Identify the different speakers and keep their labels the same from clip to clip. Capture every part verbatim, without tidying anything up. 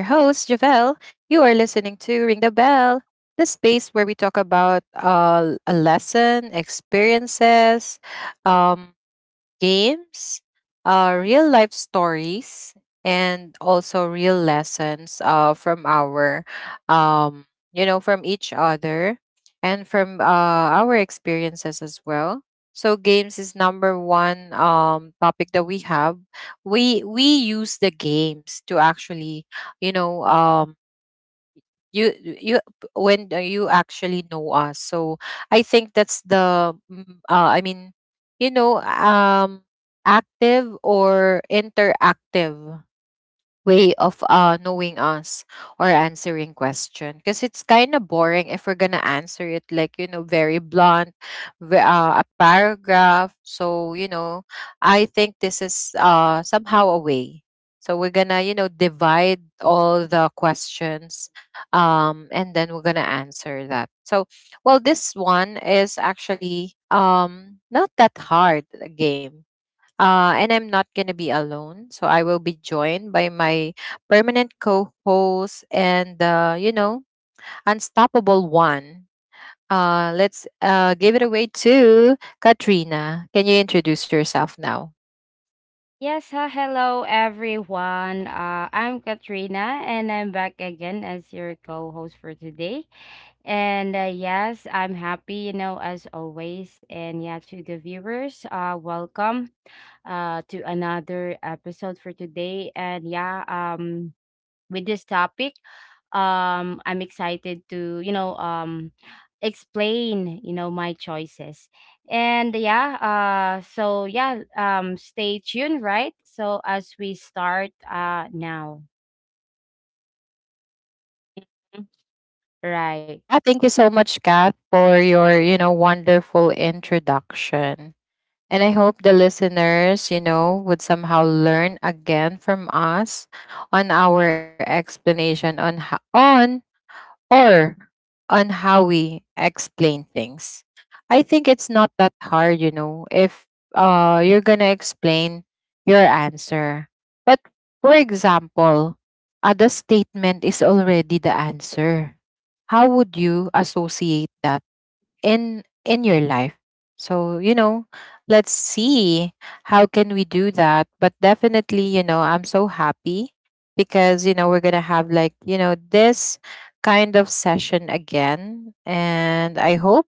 Speaker 1: You are listening to Ring the Bell, the space where we talk about uh, a lesson, experiences, um, games, uh, real life stories, and also real lessons uh, from our, um, you know, from each other and from uh, our experiences as well. So games is number one um, topic that we have. We we use the games to actually, you know, um, you you when uh, you actually know us. So I think that's the mm, uh, I mean you know um active or interactive way of uh, knowing us or answering question, because it's kind of boring if we're gonna answer it like, you know, very blunt ve- uh, a paragraph. So you know I think this is uh, somehow a way. So we're gonna, you know, divide all the questions, um, and then we're gonna answer that. So well, this one is actually, um, not that hard a game. Uh, and I'm not going to be alone. So I will be joined by my permanent co host and, uh, you know, unstoppable one. Uh, let's uh, give it away to Katrina. Can you introduce yourself now?
Speaker 2: Yes, ha, hello everyone. Uh, I'm Katrina and I'm back again as your co-host for today. And uh, yes, I'm happy, you know, as always. And yeah, to the viewers, uh, welcome uh, to another episode for today. And yeah, um, with this topic. Um, I'm excited to, you know, um, explain, you know, my choices. And yeah, uh, so yeah, um, stay tuned, right? So as we start uh, now, right?
Speaker 1: Ah, thank you so much, Kat, for your, you know, wonderful introduction. And I hope the listeners, you know, would somehow learn again from us on our explanation on ho- on or on how we explain things. I think it's not that hard, you know, if uh, you're going to explain your answer. But for example, uh, the statement is already the answer. How would you associate that in in your life? So you know, let's see how can we do that. But definitely, you know, I'm so happy because, you know, we're gonna have, like, you know, this kind of session again, and I hope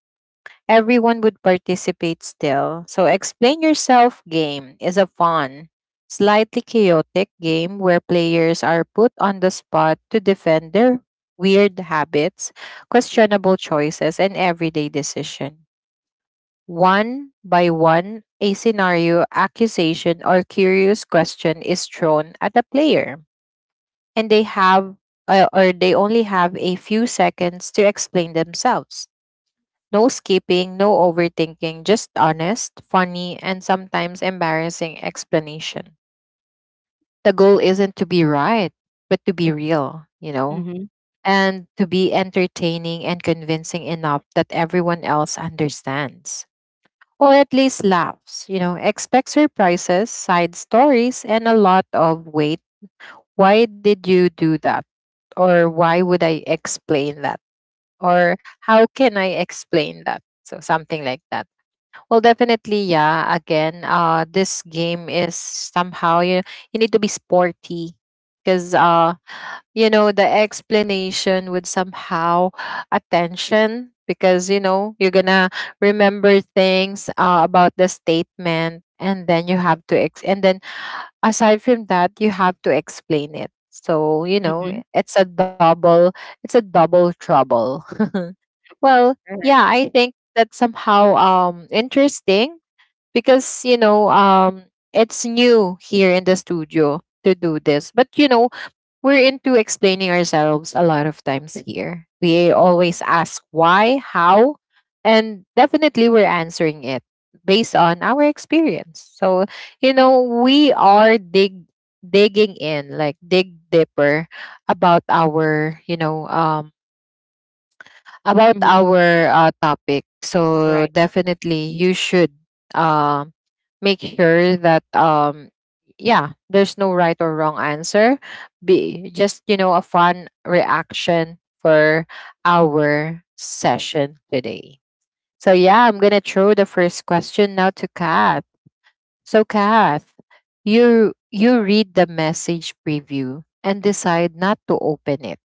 Speaker 1: everyone would participate still. So, explain yourself game is a fun, slightly chaotic game where players are put on the spot to defend their weird habits, questionable choices, and everyday decision. One by one, a scenario, accusation, or curious question is thrown at a player, and they have uh, or they only have a few seconds to explain themselves. No skipping, no overthinking, just honest, funny, and sometimes embarrassing explanation. The goal isn't to be right, but to be real, you know,
Speaker 2: Mm-hmm.
Speaker 1: and to be entertaining and convincing enough that everyone else understands. Or at least laughs, you know. Expect surprises, side stories, and a lot of wait. Why did you do that? Or why would I explain that? Or how can I explain that? So something like that. Well, definitely, yeah. Again, uh, this game is somehow you you need to be sporty because uh, you know the explanation would somehow attention, because you know you're gonna remember things uh, about the statement, and then you have to ex- and then aside from that you have to explain it. So you
Speaker 2: Mm-hmm.
Speaker 1: know, i- it's a double it's a double trouble. Well,
Speaker 2: All right.
Speaker 1: yeah, I think that's somehow um interesting because, you know um it's new here in the studio to do this, but you know, we're into explaining ourselves a lot of times here. We always ask why, how, and definitely we're answering it based on our experience. So, you know, we are dig digging in, like dig deeper about our, you know, um about
Speaker 2: Mm-hmm.
Speaker 1: our uh, topic.
Speaker 2: All
Speaker 1: So
Speaker 2: right.
Speaker 1: definitely you should uh, make sure that um yeah, there's no right or wrong answer. Be just, you know, a fun reaction for our session today. So yeah, I'm gonna throw the first question now to Kath. So Kath, you you read the message preview and decide not to open it.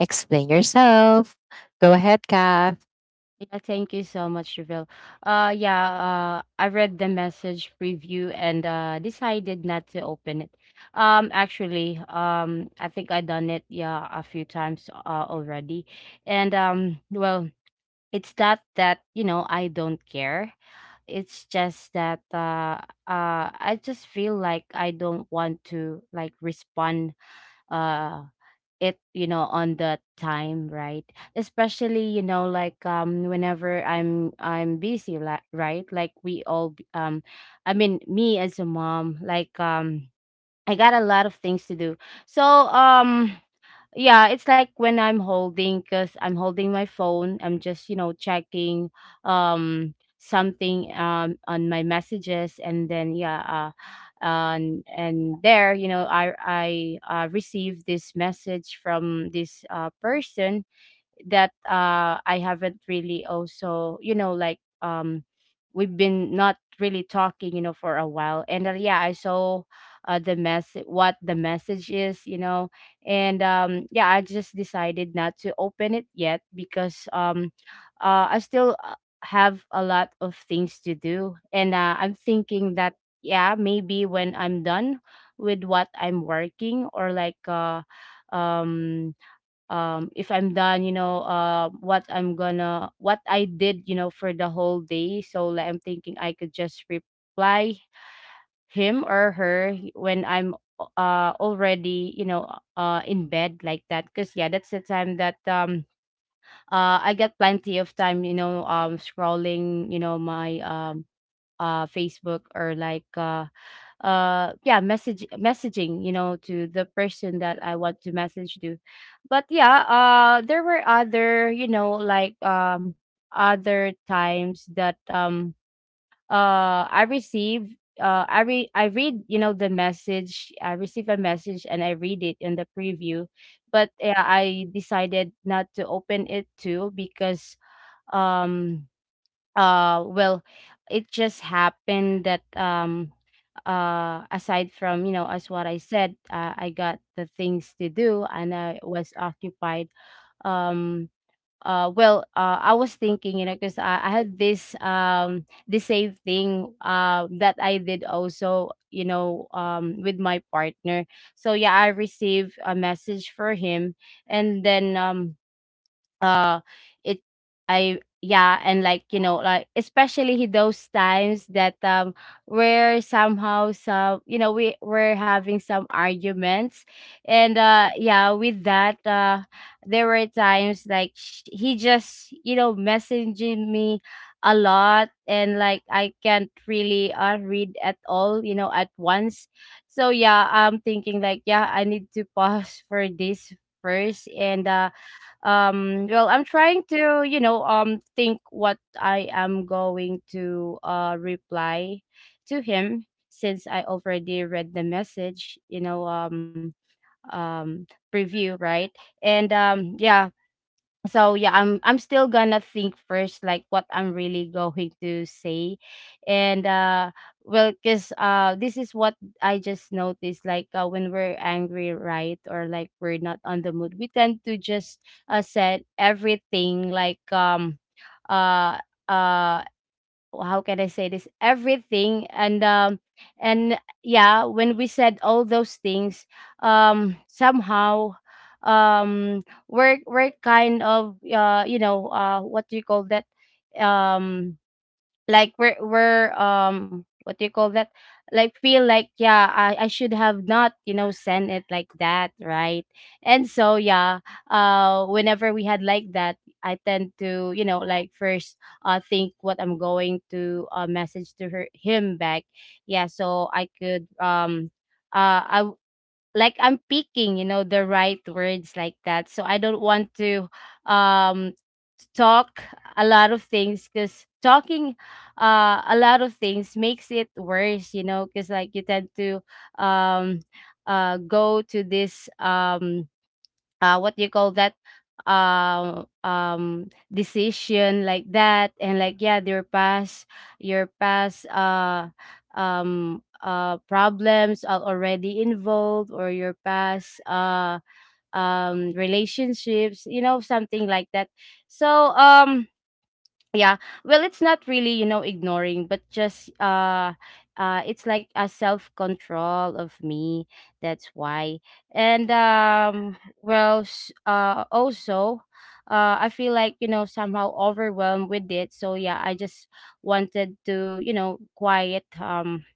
Speaker 1: Explain yourself. Go ahead, Kath.
Speaker 2: Yeah, thank you so much, Reville. Uh, yeah, uh, I read the message preview and uh, decided not to open it. Um, actually, um, I think I done it yeah a few times uh, already, and um, well, it's not that you know I don't care. It's just that uh, uh, I just feel like I don't want to like respond uh it you know on that time, right? Especially you know like um whenever i'm i'm busy, like, right, like we all b- um I mean, me as a mom, like, um I got a lot of things to do, so, um yeah. It's like when I'm holding, because I'm holding my phone, I'm just you know checking um something um on my messages. And then yeah, uh and and there, you know i i uh, received this message from this uh person that uh I haven't really, also, you know, like, um we've been not really talking, you know, for a while. And uh, yeah, I saw uh the mess what the message is, you know. And um yeah, I just decided not to open it yet because um uh I still uh, have a lot of things to do. And uh, I'm thinking that, yeah, maybe when I'm done with what I'm working, or like, uh um um if I'm done, you know, uh what i'm gonna what I did, you know, for the whole day. So, like, I'm thinking I could just reply him or her when I'm uh already, you know, uh in bed, like that. Because yeah, that's the time that um uh I get plenty of time, you know, um scrolling, you know, my, um uh Facebook, or like, uh uh yeah, message messaging, you know, to the person that I want to message to. But yeah, uh there were other, you know like, um other times that um uh I receive uh I read i read you know, the message, I receive a message and I read it in the preview, but yeah, I decided not to open it too. Because, um uh well, it just happened that um uh aside from, you know as what I said, uh, I got the things to do and I was occupied. um uh well, uh I was thinking, you know, because I, I had this um the same thing uh that I did also, you know, um with my partner. So yeah, I received a message for him. And then, um uh it I yeah. And like, you know, like especially those times that um we're somehow, some you know we we're having some arguments. And uh yeah, with that, uh there were times like sh- he just, you know, messaging me a lot. And like, I can't really, uh, read at all, you know, at once. So yeah, I'm thinking like, yeah, I need to pause for this first. And uh um well, I'm trying to, you know, um think what I am going to uh reply to him, since I already read the message, you know um um preview, right? And um yeah, so yeah, i'm i'm still gonna think first like what I'm really going to say. And uh well, because uh this is what I just noticed, like, uh, when we're angry, right, or like we're not on the mood, we tend to just uh said everything, like, um uh uh how can I say this? Everything. And um and yeah, when we said all those things, um somehow um we're we're kind of, uh you know, uh what do you call that? Um like we're we're um what do you call that, like, feel like, yeah, i i should have not, you know, sent it like that, right? And so yeah, uh whenever we had like that, I tend to, you know, like, first uh think what I'm going to uh message to her, him, back. Yeah, so I could, um uh I like, I'm picking, you know, the right words, like that. So I don't want to um talk a lot of things, because talking uh a lot of things makes it worse, you know, because like you tend to um uh go to this um uh, what do you call that, um um decision, like that. And like, yeah, your past, your past uh um uh problems are already involved, or your past, uh um relationships, you know, something like that. So um yeah, well, it's not really, you know, ignoring, but just uh uh it's like a self control of me, that's why. And um well, s- uh also, uh I feel like, you know, somehow overwhelmed with it. So yeah, I just wanted to, you know, quiet, um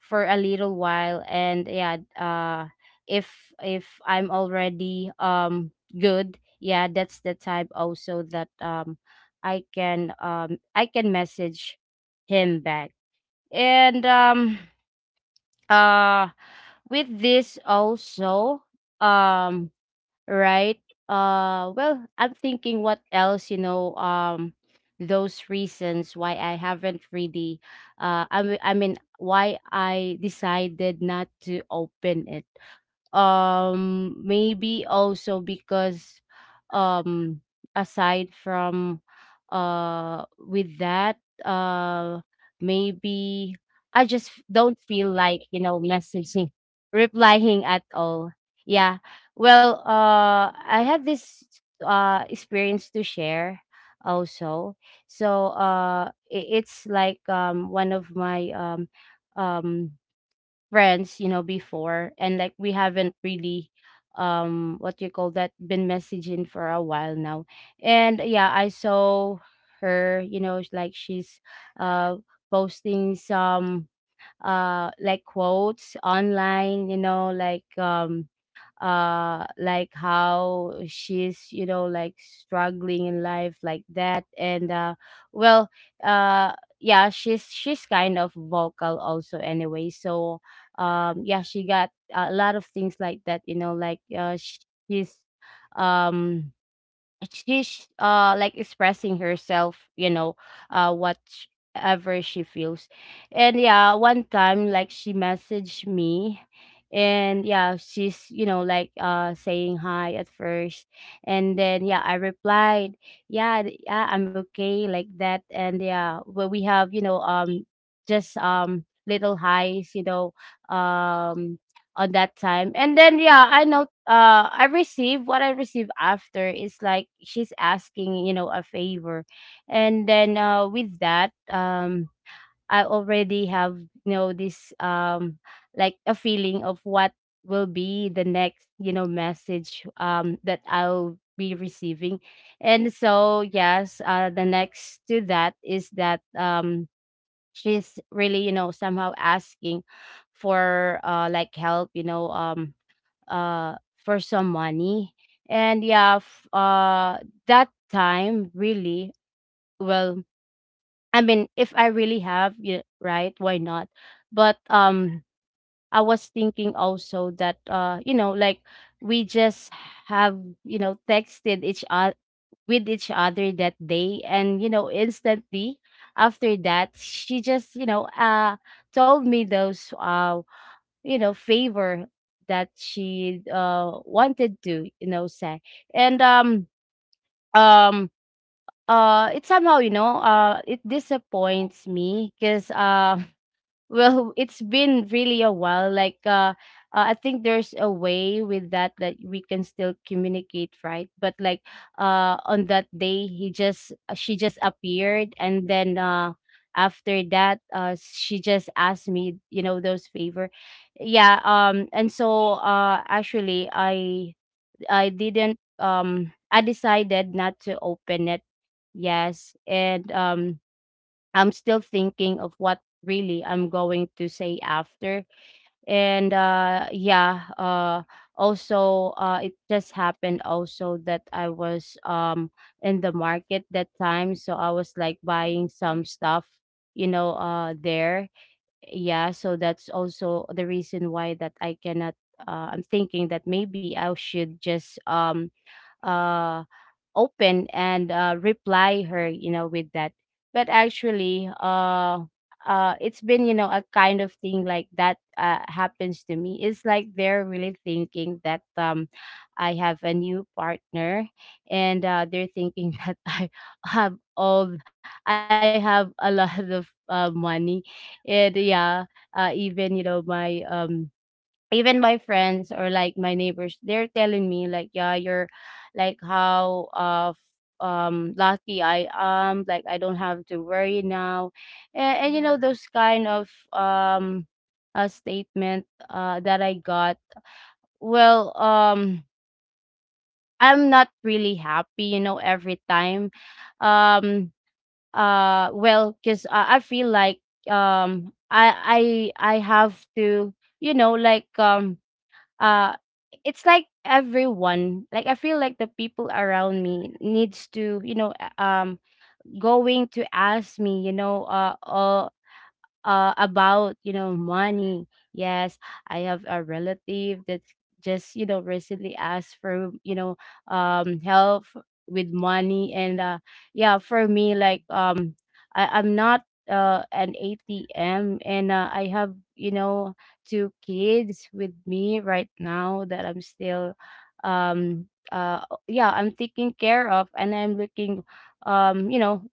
Speaker 2: for a little while. And yeah, uh if if I'm already um good, yeah, that's the time also that um i can um I can message him back. And um uh with this also, um right? Uh, well, I'm thinking what else, you know, um, those reasons why I haven't really, uh, I mean, I mean, why I decided not to open it. um maybe also because um aside from, uh with that, uh maybe I just f- don't feel like, you know, messaging, replying at all. Yeah. Well, uh I had this uh experience to share also. So uh i- it's like, um one of my, um um friends, you know, before, and like we haven't really, um what you call that, been messaging for a while now. And yeah, I saw her, you know, it's like she's uh posting some, uh like, quotes online, you know, like, um uh like how she's, you know, like, struggling in life, like that. And uh well, uh yeah, she's she's kind of vocal also anyway. So um yeah, she got a lot of things like that, you know, like, uh sh- she's, um she's, uh like, expressing herself, you know, uh whatever she feels. And yeah, one time, like, she messaged me. And yeah, she's, you know, like, uh saying hi at first. And then yeah, I replied, yeah, th- yeah, I'm okay, like that. And yeah, well, we have, you know, um just um little highs, you know, um on that time. And then yeah, I know, uh I received, what I received after is like she's asking, you know, a favor. And then uh with that, um I already have, you know, this um like a feeling of what will be the next, you know, message um that I'll be receiving. And so yes, uh the next to that is that um she's really, you know, somehow asking for uh like help, you know, um uh for some money. And yeah, f- uh that time, really, well, I mean, if I really have, yeah, right, why not? But um I was thinking also that, uh you know, like, we just have, you know, texted each other, with each other, that day. And you know, instantly after that, she just, you know, uh told me those, uh you know, favor that she uh wanted to, you know, say. And um um uh it somehow, you know, uh it disappoints me, because uh well, it's been really a while, like, uh, uh I think there's a way with that, that we can still communicate, right? But like, uh on that day, he just, uh, she just appeared. And then uh after that, uh she just asked me, you know, those favor. Yeah. um and so, uh actually, i i didn't, um I decided not to open it. Yes. And um I'm still thinking of what really I'm going to say after. And uh yeah, uh also, uh it just happened also that I was um in the market that time, so I was like buying some stuff, you know, uh there. Yeah, so that's also the reason why that I cannot, uh, I'm thinking that maybe I should just um uh, open and uh, reply her, you know, with that. But actually, uh, uh, it's been, you know, a kind of thing like that uh, happens to me. It's like they're really thinking that um, I have a new partner, and uh, they're thinking that I have all, I have a lot of uh, money, and yeah, uh, even you know my um even my friends or like my neighbors they're telling me like, "Yeah, you're like how uh f- um lucky I am, like I don't have to worry now." And, and you know, those kind of um a statement uh that I got. Well, um I'm not really happy, you know, every time. um uh well, because I, I feel like, um i i i have to, you know, like, um uh it's like everyone, like I feel like the people around me needs to, you know, uh, um going to ask me, you know, uh, uh uh, about, you know, money. Yes, I have a relative that just, you know, recently asked for, you know, um help with money, and uh yeah, for me, like, um I, I'm not uh an A T M, and uh, I have, you know, two kids with me right now that I'm still, um uh yeah, I'm taking care of, and I'm looking, um you know,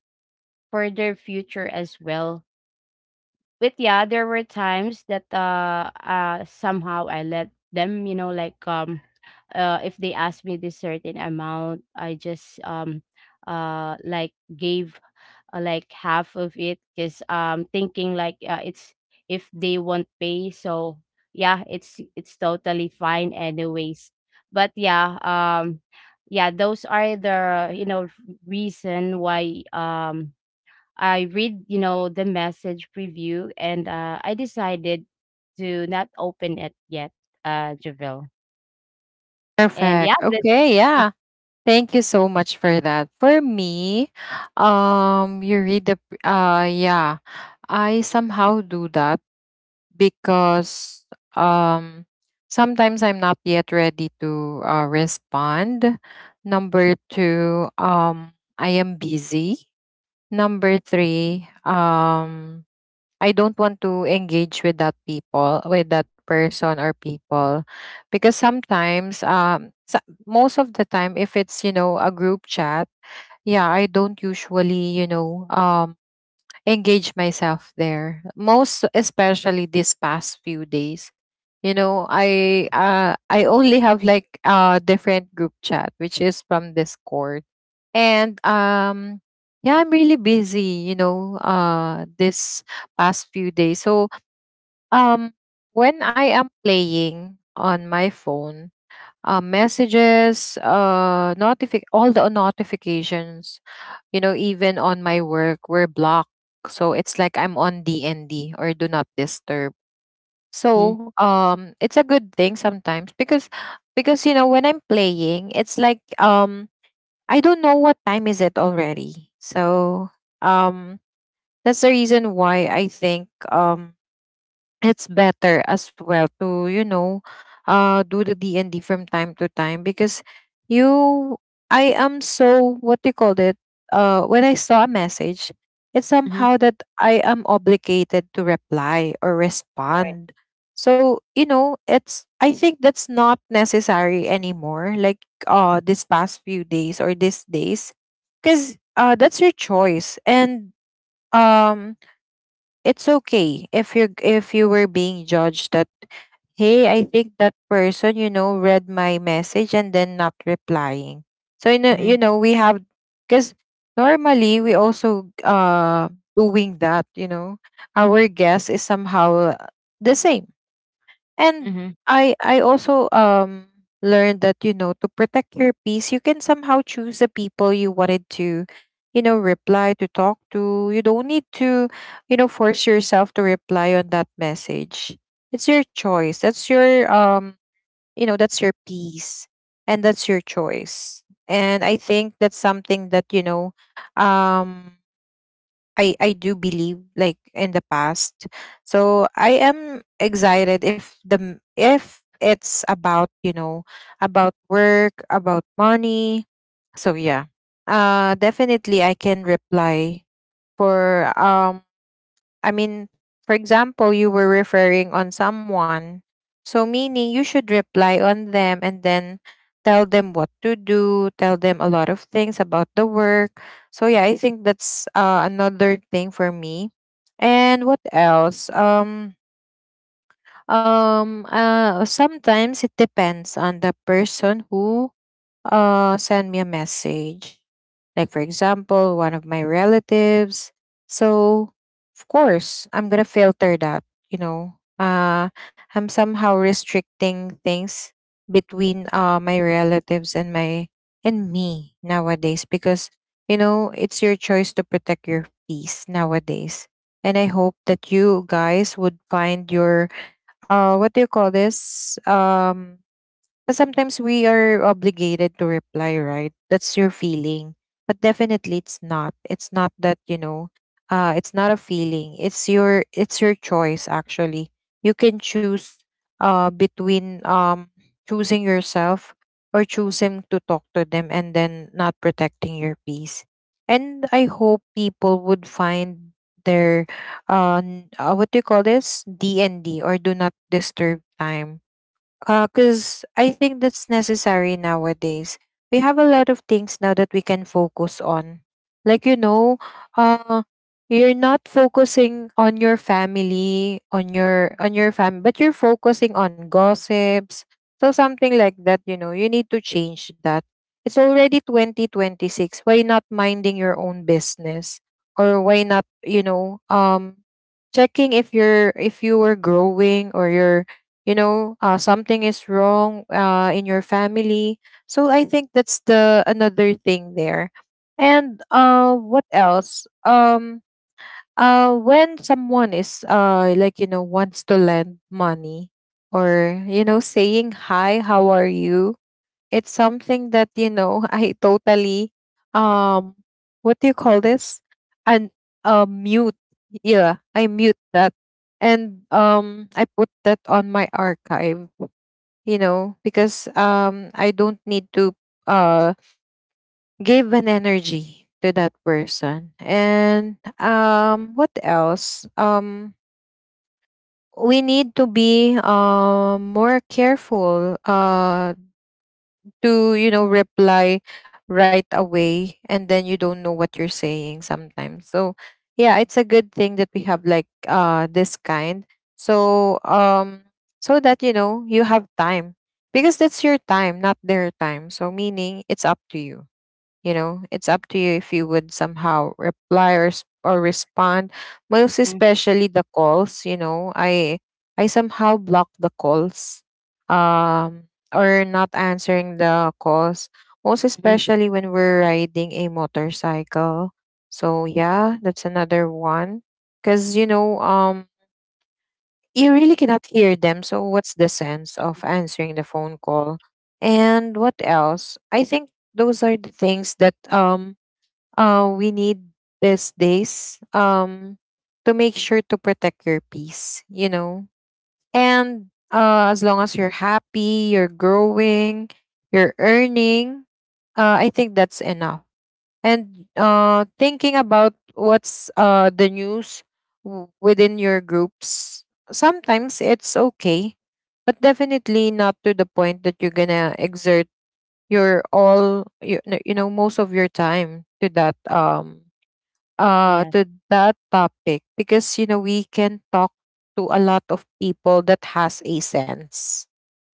Speaker 2: for their future as well. But yeah, there were times that uh uh somehow I let them, you know, like, um uh if they asked me this certain amount, I just, um uh like gave, uh, like, half of it because, um thinking like, uh, it's, if they won't pay, so yeah, it's it's totally fine anyways. But yeah, um yeah, those are the, you know, reason why, um I read, you know, the message preview, and uh, I decided to not open it yet, uh, Javille. And yeah,
Speaker 1: Perfect.
Speaker 2: that.
Speaker 1: Okay,
Speaker 2: Mm.
Speaker 1: yeah. Thank you so much for that. For me, um, you read the p- uh yeah. I somehow do that because um sometimes I'm not yet ready to uh, respond. Number two, um I am busy. Number three, um I don't want to engage with that people, with that person or people. Because sometimes, um, sa- most of the time, if it's, you know, a group chat, yeah, I don't usually, you know, um, engage myself there, most especially this past few days. You know, i uh I only have like a different group chat which is from Discord. And um yeah, I'm really busy, you know, uh this past few days. So um when I am playing on my phone, uh, messages, uh, notifi- all the notifications, you know, even on my work were blocked. So it's like I'm on D N D or do not disturb.
Speaker 2: Mhm.
Speaker 1: So um, it's a good thing sometimes, because because you know when I'm playing, it's like, um, I don't know what time is it already. So um, that's the reason why I think, um, it's better as well to, you know, uh do the DND from time to time. Because you, I am so, what do you call it, uh when I saw a message, it's
Speaker 2: Mhm.
Speaker 1: somehow that I am obligated to reply or
Speaker 2: Right.
Speaker 1: respond. So you know, it's I think that's not necessary anymore, like uh this past few days or these days, because uh that's your choice. And um it's okay if you, if you were being judged that, hey, I think that person, you know, read my message and then not replying. So you know, you
Speaker 2: Mhm.
Speaker 1: know we have, because normally we also, uh doing that, you know. Our guess is somehow the same. And
Speaker 2: Mhm.
Speaker 1: I I also um learned that, you know, to protect your peace, you can somehow choose the people you wanted to, you know, reply to, talk to. You don't need to, you know, force yourself to reply on that message. It's your choice. That's your, um, you know, that's your peace and that's your choice. And I think that's something that, you know um I I do believe like in the past. So I am excited if the m- if it's about, you know, about work, about money. So yeah. Uh definitely I can reply for, um I mean, for example, you were referring on someone. So meaning you should reply on them and then tell them what to do, tell them a lot of things about the work. So yeah, I think that's uh, another thing for me. And what else? Um um uh sometimes it depends on the person who uh send me a message. Like for example, one of my relatives. So of course I'm gonna filter that, you know. uh I'm somehow restricting things between uh my relatives and my and me nowadays, because you know it's your choice to protect your peace nowadays. And I hope that you guys would find your, uh what do you call this, um because sometimes we are obligated to reply, right? That's your feeling. But definitely it's not. It's not that, you know, uh it's not a feeling. It's your, it's your choice actually. You can choose uh between, um choosing yourself or choosing to talk to them and then not protecting your peace. And I hope people would find their, uh, n- uh what do you call this? D and D or do not disturb time, because I think that's necessary nowadays. We have a lot of things now that we can focus on. Like, you know, uh, you're not focusing on your family, on your on your family, but you're focusing on gossips. So something like that, you know, you need to change that. It's already twenty twenty-six. Why not minding your own business? Or why not, you know, um checking if you're, if you were growing, or you're, you know, uh, something is wrong uh, in your family. So I think that's the another thing there. And uh what else? Um uh when someone is uh like, you know, wants to lend money or, you know, saying hi, how are you, it's something that, you know, I totally, um what do you call this? And uh, mute. Yeah, I mute that. And um I put that on my archive, you know, because um I don't need to uh give an energy to that person. And um what else? Um we need to be um more careful uh to, you know, reply right away, and then you don't know what you're saying sometimes. So yeah, it's a good thing that we have like uh this kind. So um so that, you know, you have time, because that's your time, not their time. So meaning it's up to you, you know, it's up to you if you would somehow reply or, s- or respond. Most
Speaker 2: Mhm.
Speaker 1: especially the calls, you know, I I somehow block the calls, um or not answering the calls. Most
Speaker 2: Mhm.
Speaker 1: especially when we're riding a motorcycle. So yeah, that's another one. Cause you know, um you really cannot hear them. So what's the sense of
Speaker 2: Mhm.
Speaker 1: answering the phone call? And what else? I think those are the things that um uh, we need these days um, to make sure to protect your peace, you know. And uh, as long as you're happy, you're growing, you're earning, uh, I think that's enough. And uh, thinking about what's uh, the news w- within your groups, sometimes it's okay, but definitely not to the point that you're gonna exert your all you, you know most of your time to that um uh
Speaker 2: Yes.
Speaker 1: to that topic because you know we can talk to a lot of people that has a sense,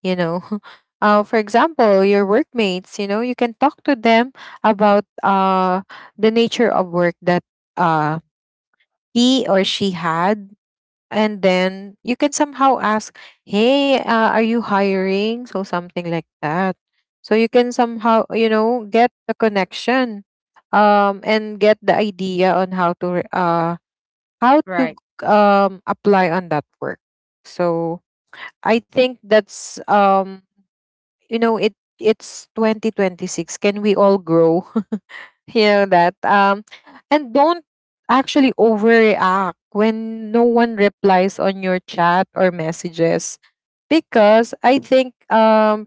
Speaker 1: you know, uh for example, your workmates, you know, you can talk to them about uh the nature of work that uh he or she had, and then you can somehow ask, hey, uh, are you hiring, so something like that, so you can somehow, you know, get the connection, um and get the idea on how to re- uh how to
Speaker 2: Right.
Speaker 1: um apply on that work. So I think that's um you know it it's twenty twenty-six. Can we all grow? You know that um and don't actually overreact when no one replies on your chat or messages, because I think um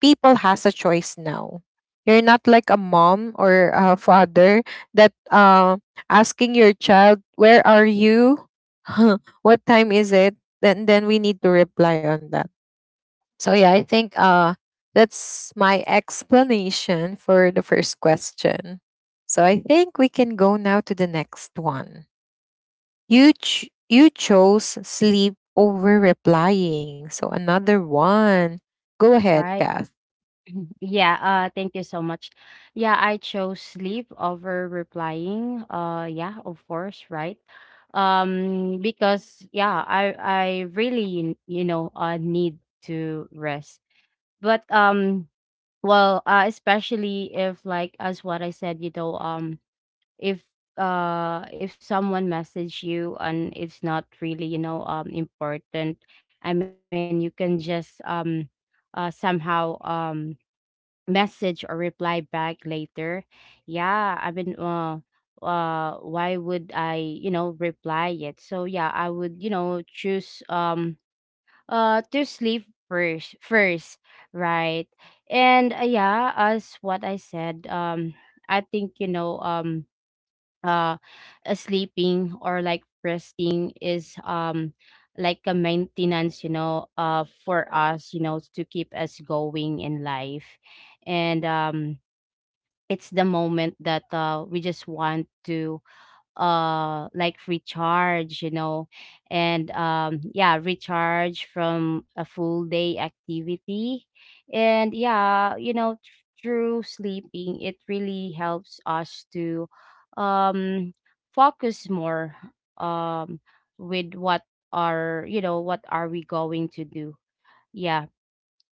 Speaker 1: people has a choice now. You're not like a mom or a father that uh, asking your child, "Where are you? What time is it?" Then then we need to reply on that. So yeah, I think uh, that's my explanation for the first question. So I think we can go now to the next one. You ch- you chose sleep over replying. So another one. Go ahead,
Speaker 2: Right.
Speaker 1: Kath.
Speaker 2: Yeah, uh thank you so much. Yeah, I chose sleep over replying. Uh yeah, of course, right? Um because yeah, I I really, you know, uh need to rest. But, um well, uh especially if, like, as what I said, you know, um if uh if someone message you and it's not really, you know, um important, I mean you can just, um uh somehow, um message or reply back later. Yeah, I mean, uh uh why would I, you know, reply yet? So yeah, I would, you know, choose, um uh to sleep first first right? And uh, yeah, as what I said, um I think, you know, um uh, uh, sleeping or like resting is, um like a maintenance, you know, uh for us, you know, to keep us going in life. And um it's the moment that, uh, we just want to uh like recharge, you know, and um yeah, recharge from a full day activity. And yeah, you know, th- through sleeping, it really helps us to, um focus more, um with what are, you know, what are we going to do. Yeah.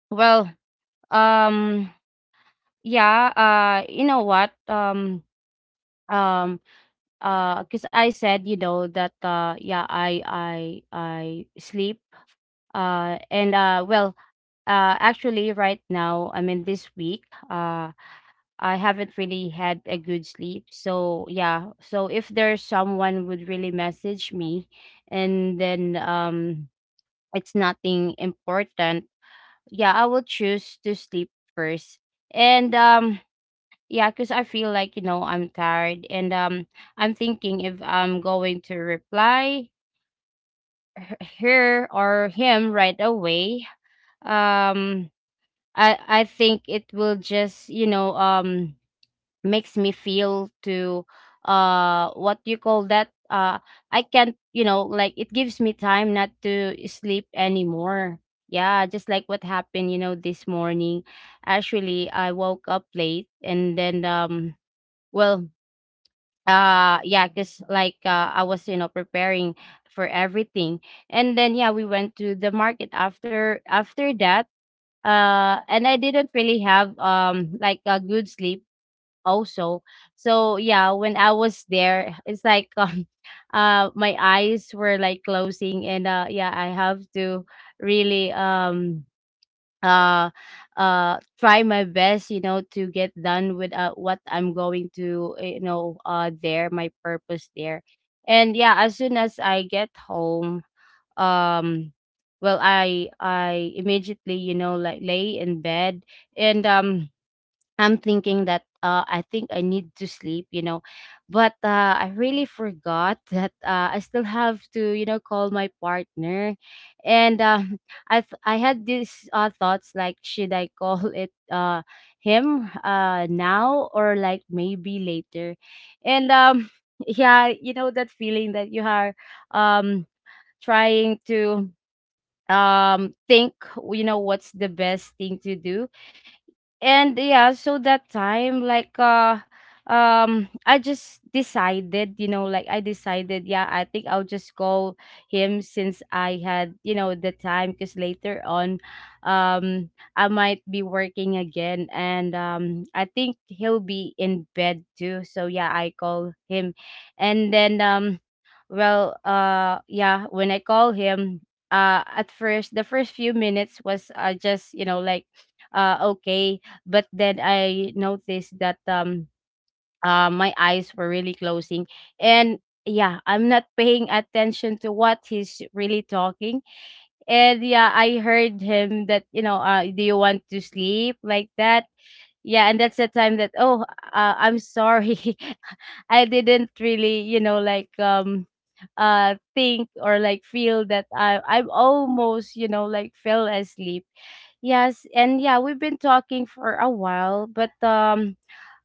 Speaker 2: Well, um yeah. Uh you know what? um um uh, Cause I said, you know, that, uh, yeah, I I I sleep, uh, and, uh, well, uh, actually right now, I mean, this week, uh, I haven't really had a good sleep. So yeah, so if there's someone would really message me, and then, um, it's nothing important, yeah, I will choose to sleep first. And um, yeah, because I feel like, you know, I'm tired, and um I'm thinking if I'm going to reply h- her or him right away, um i i think it will just, you know, um makes me feel to, uh what do you call that? uh I can't, you know, like, it gives me time not to sleep anymore. Yeah, just like what happened, you know, this morning. Actually, I woke up late, and then, um well, uh yeah, because like, uh, I was, you know, preparing for everything, and then yeah, we went to the market after after that. Uh and I didn't really have, um like a good sleep also. So yeah, when I was there, it's like um uh my eyes were like closing, and uh yeah, I have to really, um uh uh try my best, you know, to get done with, uh, what I'm going to, uh, you know, uh there, my purpose there. And yeah, as soon as I get home, um well, i i immediately, you know, like, lay in bed. And um I'm thinking that, uh, I think I need to sleep, you know, but uh, I really forgot that uh, I still have to, you know, call my partner, and um, I th- I had these uh, thoughts like, should I call it, uh, him, uh, now, or like maybe later, and um, yeah, you know that feeling that you are, um trying to, um think, you know, what's the best thing to do. And yeah, so that time, like, uh um I just decided, you know, like, I decided, yeah, I think I'll just call him since I had, you know, the time, because later on, um I might be working again, and um I think he'll be in bed too, so yeah, I call him. And then um well, uh, yeah, when I call him, uh, at first, the first few minutes was, uh, just, you know, like, uh, okay. But then I noticed that, um, uh, my eyes were really closing. And yeah, I'm not paying attention to what he's really talking. And yeah, I heard him that, you know, uh, "Do you want to sleep like that?" Yeah, and that's the time that, oh, uh, I'm sorry. I didn't really, you know, like, um uh think or like feel that I i almost, you know, like, fell asleep. Yes, and yeah, we've been talking for a while, but, um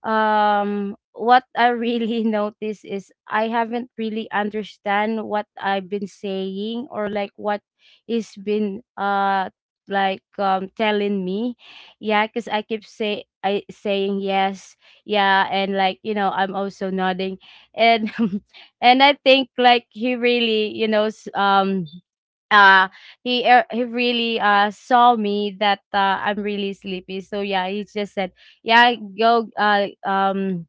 Speaker 2: um what I really notice is I haven't really understand what I've been saying or like what is been, uh like, um telling me. Yeah, because I keep say i saying yes. Yeah, and like, you know, I'm also nodding, and and I think like, he really, you know, s- um uh he uh, he really uh saw me that, uh, I'm really sleepy. So yeah, he just said, "Yeah, go, uh um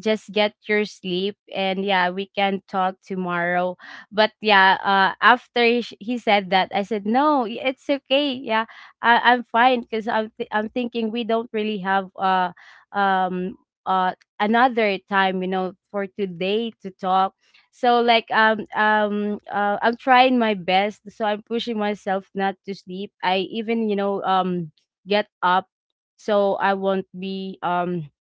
Speaker 2: just get your sleep, and yeah, we can talk tomorrow." But yeah, uh after he, sh- he said that, I said, "No, y- it's okay, yeah. I, i'm fine, because i'm th- I'm thinking we don't really have, uh um uh another time, you know, for today to talk." So like, um um uh, I'm trying my best, so I'm pushing myself not to sleep. I even, you know, um get up, so I won't be, um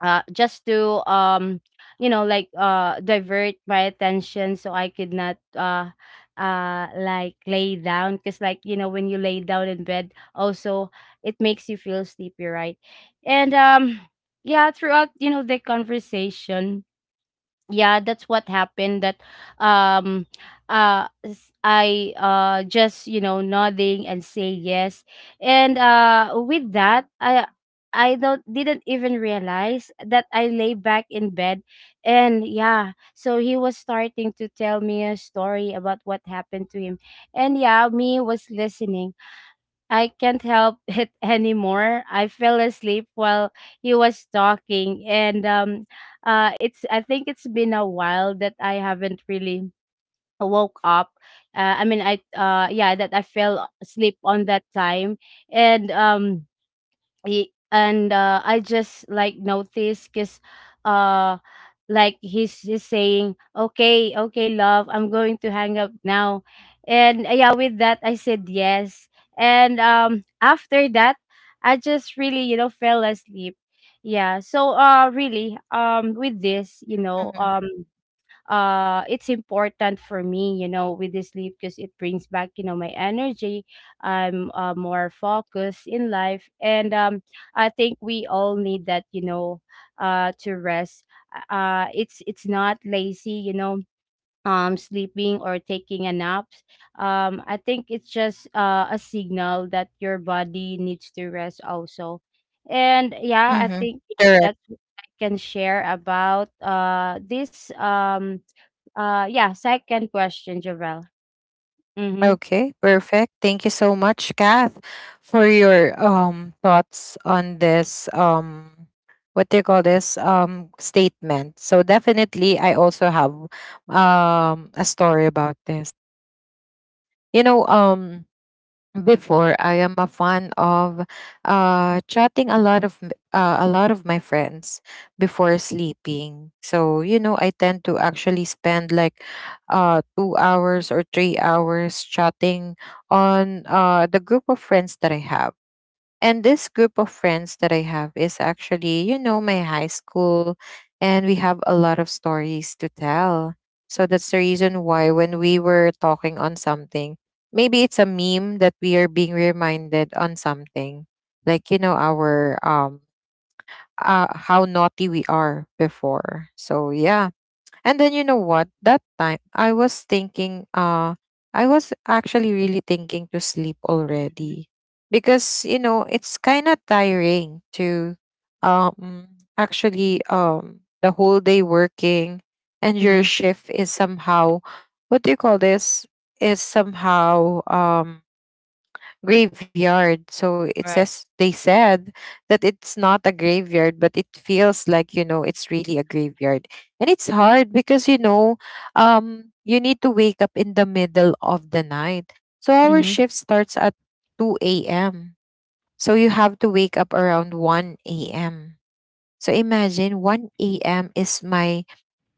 Speaker 2: uh, just to, um you know, like, uh divert my attention so I could not, uh uh like, lay down, because, like, you know, when you lay down in bed also, it makes you feel sleepy, right? And um yeah, throughout, you know, the conversation, yeah, that's what happened, that, um uh s- I uh just, you know, nodding and say yes. And uh with that, i i don't didn't even realize that I lay back in bed. And yeah, so he was starting to tell me a story about what happened to him. And yeah, me was listening. I can't help it anymore. I fell asleep while he was talking, and um, uh, it's— I think it's been a while that I haven't really woke up. Uh, I mean, I uh, yeah, that I fell asleep on that time, and um he, and uh, I just like noticed because, uh like, he's he's saying, "Okay, okay, love, I'm going to hang up now." And uh, yeah, with that, I said yes. And um after that, I just really, you know, fell asleep. Yeah, so uh really, um with this, you know, um uh it's important for me, you know, with the sleep, because it brings back, you know, my energy. I'm, uh, more focused in life, and um I think we all need that, you know, uh to rest. uh it's it's not lazy, you know, um sleeping or taking a nap. um I think it's just, uh, a signal that your body needs to rest also. And yeah, I
Speaker 1: Mm-hmm.
Speaker 2: think
Speaker 1: Correct.
Speaker 2: that's what I can share about uh this, um uh, yeah, second question, Javel. Mm-hmm.
Speaker 1: Okay, perfect. Thank you so much, Kath, for your um thoughts on this um what do you call this um statement. So definitely I also have um a story about this. You know, um before, I am a fan of uh chatting a lot of m- uh, a lot of my friends before sleeping. So, you know, I tend to actually spend like uh two hours or three hours chatting on uh the group of friends that I have. And this group of friends that I have is actually, you know, my high school, and we have a lot of stories to tell. So that's the reason why when we were talking on something, maybe it's a meme that we are being reminded on something, like, you know, our um, uh, how naughty we are before. So yeah. And then you know what? That time I was thinking, uh I was actually really thinking to sleep
Speaker 2: Mm-hmm.
Speaker 1: already, because you know it's kind of tiring to um actually um the whole day working, and your
Speaker 2: Mm-hmm.
Speaker 1: shift is somehow, what do you call this, is somehow um graveyard. So it
Speaker 2: Right.
Speaker 1: says, they said that it's not a graveyard, but it feels like, you know, it's really a graveyard, and it's hard because, you know, um, you need to wake up in the middle of the night. So our
Speaker 2: Mm-hmm.
Speaker 1: shift starts at two a m. So you have to wake up around one a m. So imagine one a m is my,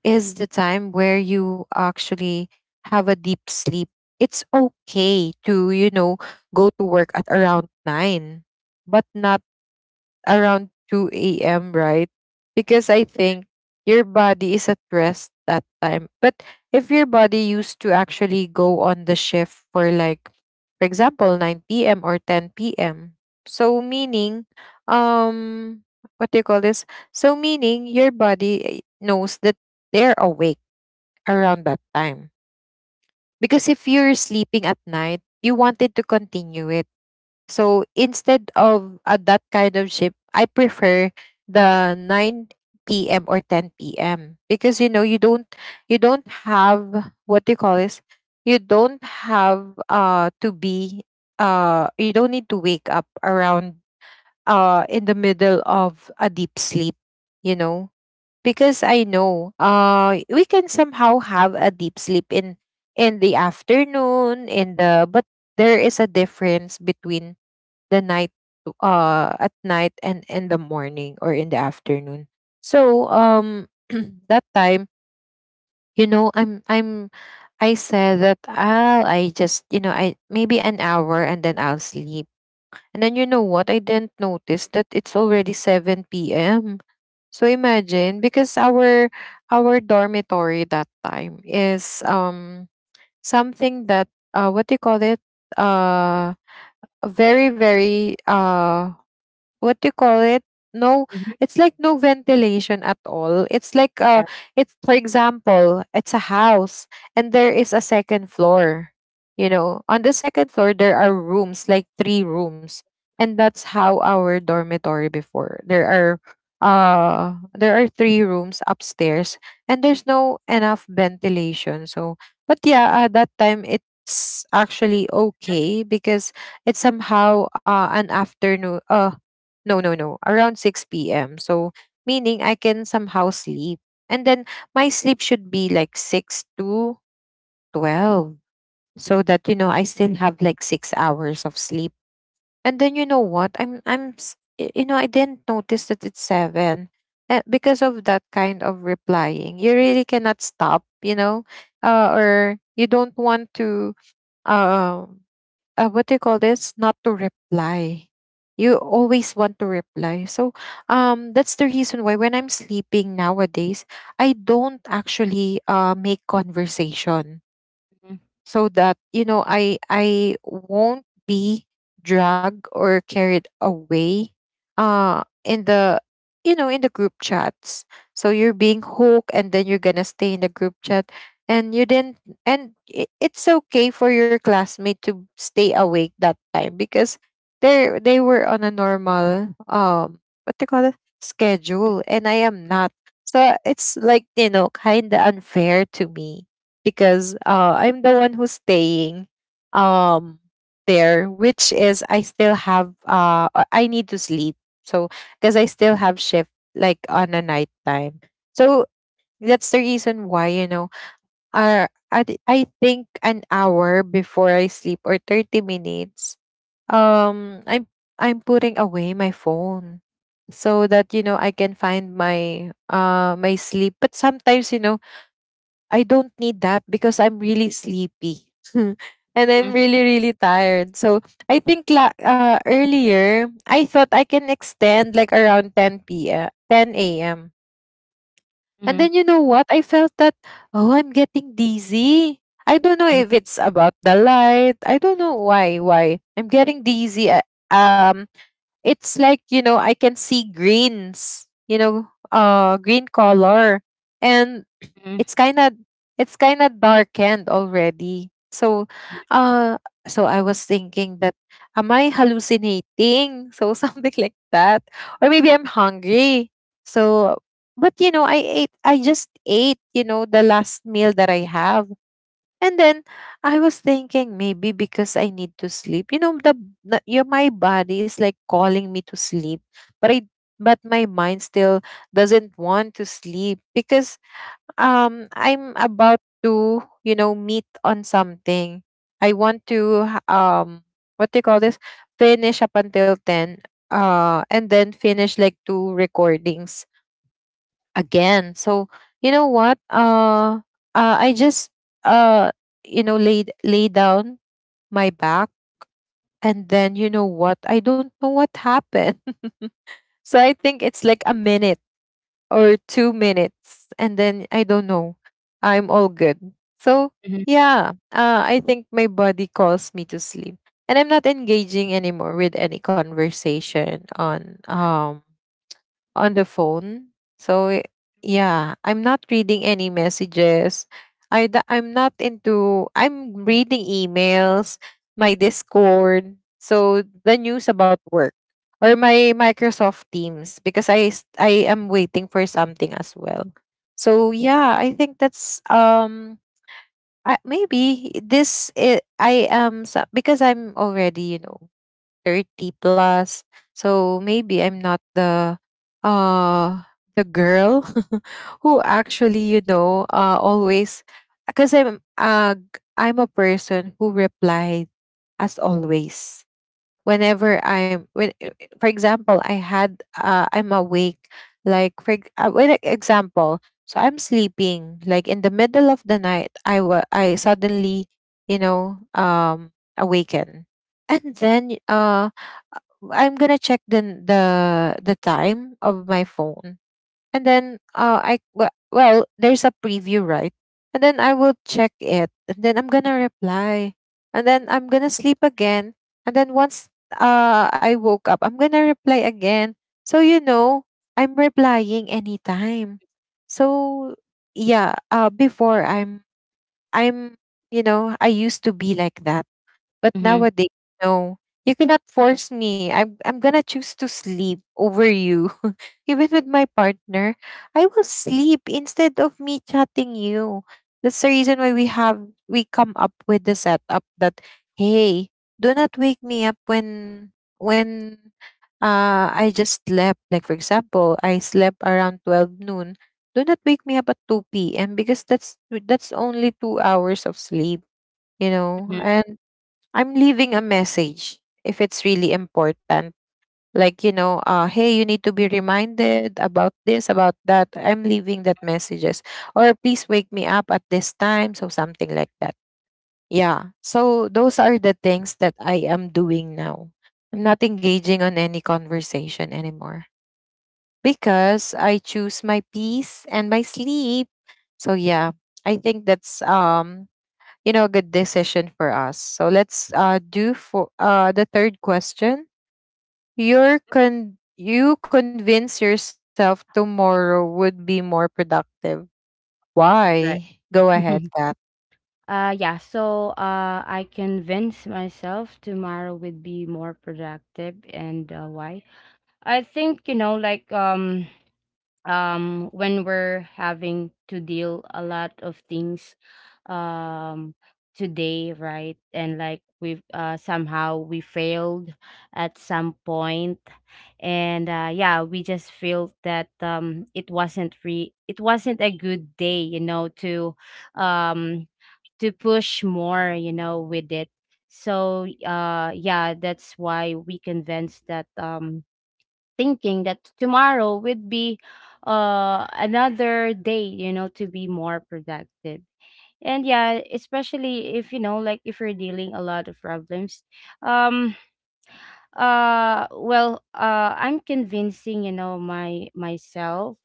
Speaker 1: is the time where you actually have a deep sleep. It's okay to, you know, go to work at around nine, but not around two a m, right? Because I think your body is at rest that time. But if your body used to actually go on the shift for like, for example, nine p m or ten p m. So meaning, um, what do you call this? So meaning your body, eh, knows that they're awake around that time. Because if you're sleeping at night, you wanted to continue it, so instead of uh, that kind of shift, I prefer the nine p m or ten p m because you know you don't you don't have, what do you call this? You don't have uh to be uh you don't need to wake up around uh in the middle of a deep sleep, you know? Because I know uh we can somehow have a deep sleep in in the afternoon, in the, but there is a difference between the night to- uh at night and in the morning or in the afternoon. So um that time, you know, i'm i'm I said that i'll I, just, you know, I maybe an hour and then I'll sleep. And then you know what? I didn't notice that it's already seven p.m. So imagine, because our our dormitory that time is um something that uh what do you call it, uh a very very uh what do you call it, no,
Speaker 2: Mm-hmm.
Speaker 1: it's like no ventilation at all. It's like uh
Speaker 2: Yeah.
Speaker 1: it's, for example, it's a house and there is a second floor. You know, on the second floor there are rooms, like three rooms, and that's how our dormitory before, there are uh there are three rooms upstairs, and there's no enough ventilation. So, but yeah, at that time it's actually okay because it's somehow uh an afternoon, uh no, no, no. Around six p m. So, meaning I can somehow sleep. And then my sleep should be like six to twelve, so that you know I still have like six hours of sleep. And then you know what? I'm I'm s- y- you know, I didn't notice that it's seven. Uh, because of that kind of replying, you really cannot stop, you know, uh, or you don't want to. Um, uh, what do you call this? Not to reply. You always want to reply. So um, that's the reason why when I'm sleeping nowadays, I don't actually uh, make conversation,
Speaker 2: Mm-hmm.
Speaker 1: so that, you know, I i won't be dragged or carried away uh in the, you know, in the group chats. So you're being hooked, and then you're gonna stay in the group chat, and you didn't. And it, it's okay for your classmate to stay awake that time because they are they were on a normal um what they call it, schedule, and I am not. So it's like, you know, kind of unfair to me because uh, I'm the one who's staying um there, which is I still have uh uh, I need to sleep. So, because I still have shift like on a night time. So that's the reason why, you know, uh, I, thi- I think an hour before I sleep or thirty minutes, um, I'm, I'm putting away my phone so that, you know, I can find my, uh, my sleep. But sometimes, you know, I don't need that because I'm really sleepy. And I'm
Speaker 2: Mm-hmm.
Speaker 1: really, really tired. So I think la- uh, earlier, I thought I can extend like around ten p m, ten a m. And
Speaker 2: Mm-hmm.
Speaker 1: then you know what? I felt that, oh, I'm getting dizzy. I don't know if it's about the light. I don't know why, why. I'm getting dizzy. uh, Um, it's like, you know, I can see greens, you know, uh, green color. And
Speaker 2: Mm-hmm.
Speaker 1: it's kind of it's kind of darkened already. So uh so I was thinking that, am I hallucinating, so something like that, or maybe I'm hungry. So, but you know, i ate I just ate, you know, the last meal that I have. And then I was thinking maybe because I need to sleep. You know, the, the your my body is like calling me to sleep, but I but my mind still doesn't want to sleep because um I'm about to, you know, meet on something. I want to ha- um what do you call this? Finish up until ten uh and then finish like two recordings again. So, you know what? Uh, uh I just uh you know, laid lay down my back. And then you know what? I don't know what happened. So I think it's like a minute or two minutes, and then I don't know, I'm all good. So yeah, uh, I think my body calls me to sleep, and I'm not engaging anymore with any conversation on um on the phone. So i- yeah, I'm not reading any messages. I d- I'm not into, I'm reading emails, my Discord, so the news about work, or my Microsoft Teams, because I s- I am waiting for something as well. So yeah, I think that's um I, maybe this I, I am so- because I'm already, you know, thirty plus. So maybe I'm not the uh the girl who actually, you know, uh always, because I'm uh g- I'm a person who replied as always. Whenever I'm when uh, for example, I had uh I'm awake like for ex- uh, when example, so I'm sleeping like in the middle of the night, I wa- I suddenly, you know, um awaken, and then uh I'm gonna check the the the time of my phone, and then uh, I w- well, there's a preview, right? And then I will check it, and then I'm gonna reply, and then I'm gonna sleep again, and then once uh I woke up, I'm gonna reply again. So you know, I'm replying anytime. So yeah, uh, before I'm I'm you know I used to be like that, but
Speaker 2: Mm-hmm.
Speaker 1: nowadays, no. You cannot force me. I'm I'm gonna choose to sleep over you. Even with my partner, I will sleep instead of me chatting you. That's the reason why we have we come up with the setup that, hey, do not wake me up when when uh I just slept. Like for example, I slept around twelve noon. Do not wake me up at two p m because that's that's only two hours of sleep. You know?
Speaker 2: Mm-hmm.
Speaker 1: And I'm leaving a message if it's really important. Like, you know, uh, hey, you need to be reminded about this, about that. I'm leaving that messages. Or please wake me up at this time. So something like that. Yeah. So those are the things that I am doing now. I'm not engaging on any conversation anymore because I choose my peace and my sleep. So yeah, I think that's um you know, a good decision for us. So let's uh, do for uh, the third question. Your con- you convince yourself tomorrow would be more productive.
Speaker 2: Right.
Speaker 1: Why? Go ahead, Kat.
Speaker 2: Uh, yeah, so uh, I convinced myself tomorrow would be more productive, and uh, why? I think, you know, like, um, um when we're having to deal a lot of things, um today, right? And like, we've uh somehow we failed at some point, and uh yeah, we just feel that, um it wasn't re it wasn't a good day, you know, to, um to push more, you know, with it. So uh yeah, that's why we convinced that, um thinking that tomorrow would be, uh, another day, you know, to be more productive. And yeah, especially if you know, like if you're dealing a lot of problems, um, uh, well, uh, I'm convincing, you know, my myself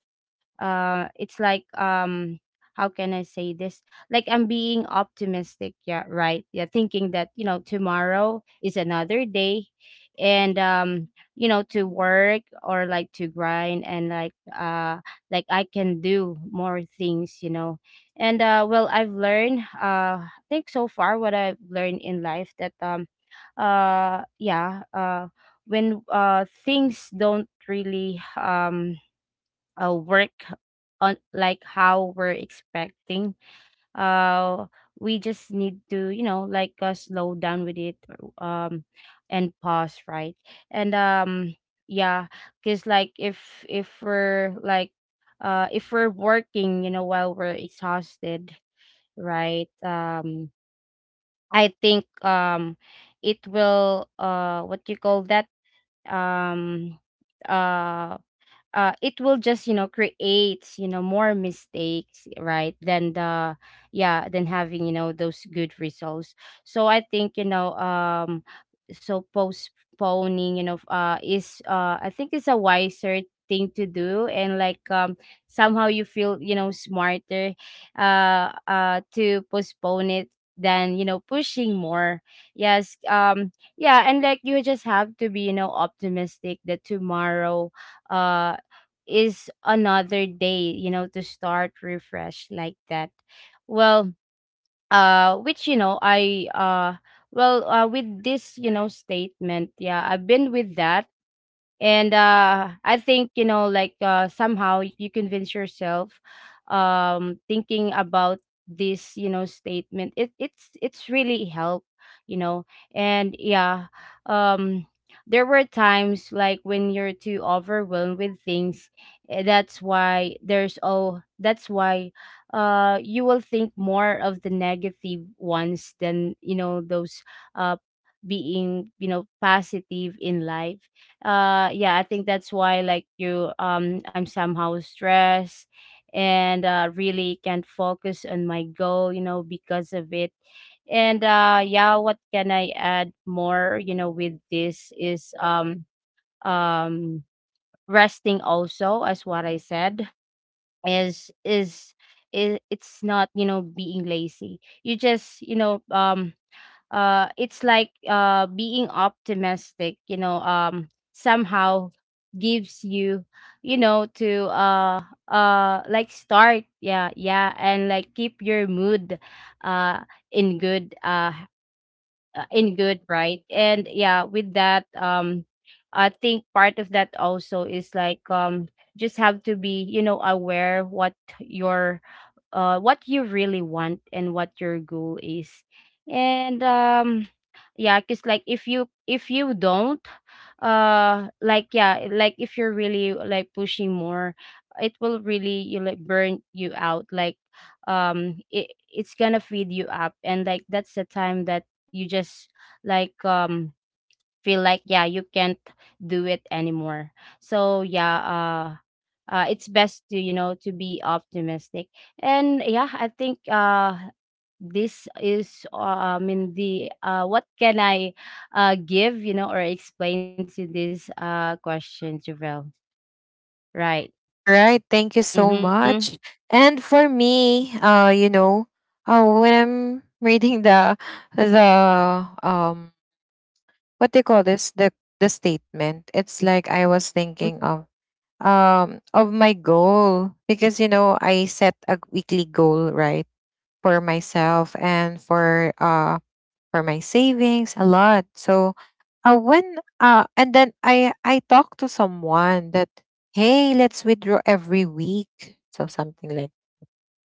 Speaker 2: uh it's like um How can I say this? Like I'm being optimistic, yeah, right, yeah, thinking that you know tomorrow is another day, and um you know to work, or like to grind. And like, uh like I can do more things, you know and uh well, I've learned, uh I think so far what I've learned in life, that um uh yeah, uh when uh things don't really um uh, work on like how we're expecting, uh we just need to, you know like uh, slow down with it um and pause, right? And um yeah, because like if if we're like, uh if we're working you know while we're exhausted, right? Um i think um it will, uh what do you call that, um uh uh, it will just, you know create, you know more mistakes, right, than the, yeah, than having, you know those good results. So I think, you know um so postponing, you know uh is, uh I think it's a wiser thing to do. And like, um somehow you feel, you know smarter uh uh to postpone it than, you know pushing more. Yes. Um yeah, and like you just have to be, you know optimistic, that tomorrow uh is another day, you know, to start refresh like that. Well, uh, which you know, I, uh, well, uh, with this, you know, statement, yeah, I've been with that. And uh I think, you know like uh somehow you convince yourself, um thinking about this, you know statement, it it's it's really help, you know and yeah, um there were times like when you're too overwhelmed with things, eh, that's why there's oh that's why uh you will think more of the negative ones, than, you know those, uh being, you know positive in life. Uh yeah, I think that's why, like you, um I'm somehow stressed, and uh really can't focus on my goal, you know because of it. And uh yeah, what can I add more, you know with this is, um um resting, also, as what I said, is is it, it's not, you know being lazy. You just, you know um uh it's like, uh being optimistic, you know um somehow gives you, you know to uh uh like start, yeah, yeah, and like keep your mood uh in good, uh uh, in good, right? And yeah, with that, um I think part of that also is like, um just have to be, you know aware what your, uh, what you really want, and what your goal is. And um yeah, because like, if you if you don't, uh like yeah, like if you're really like pushing more, it will really, you like, burn you out like, um it, it's gonna feed you up, and like that's the time that you just like, um feel like, yeah, you can't do it anymore. So yeah, uh uh, it's best to, you know to be optimistic. And yeah, I think uh this is, uh, I mean the, uh what can I uh give, you know or explain to this, uh question, Javel, right?
Speaker 1: Right. Thank you
Speaker 2: Mm-hmm,
Speaker 1: so much. And for me, uh, you know, uh, when I'm reading the the um, what do you call this? The the statement. It's like I was
Speaker 2: mm-hmm,
Speaker 1: thinking of um of my goal, because you know I set a weekly goal, right, for myself and for uh for my savings a lot. So uh when uh and then I I talk to someone that, hey, let's withdraw every week, so something like,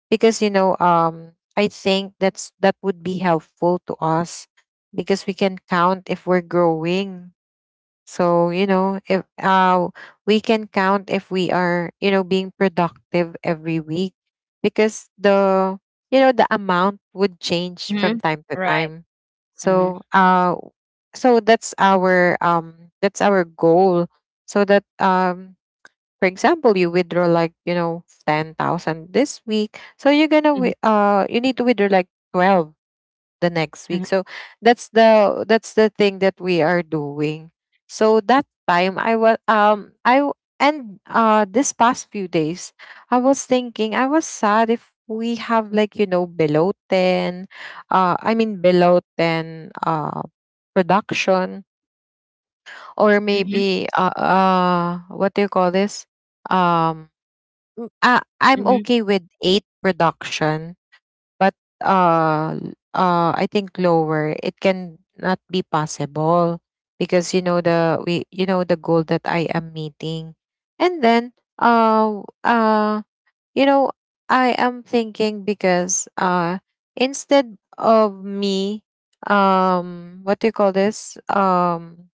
Speaker 1: because you know, um I think that's that would be helpful to us because we can count if we're growing. So, you know, if uh, we can count if we are, you know, being productive every week, because the, you know, the amount would change
Speaker 2: mm-hmm.
Speaker 1: from time to
Speaker 2: Right.
Speaker 1: time.
Speaker 2: Mm-hmm,
Speaker 1: So, uh, so that's our, um, that's our goal. So that, um, for example, you withdraw like, you know, ten thousand this week. So you're going
Speaker 2: mm-hmm,
Speaker 1: to, uh, you need to withdraw like twelve the next week. So that's the that's the thing that we are doing. So that time I was um I w- and uh this past few days I was thinking, I was sad if we have like, you know, below ten, uh I mean below ten, uh production, or
Speaker 2: mm-hmm,
Speaker 1: maybe uh, uh what do you call this, um m- uh, I'm
Speaker 2: mm-hmm,
Speaker 1: okay with eight production. But uh uh I think lower it can not be possible because you know the we you know the goal that I am meeting. And then uh uh you know, I am thinking because uh instead of me, um what do you call this, um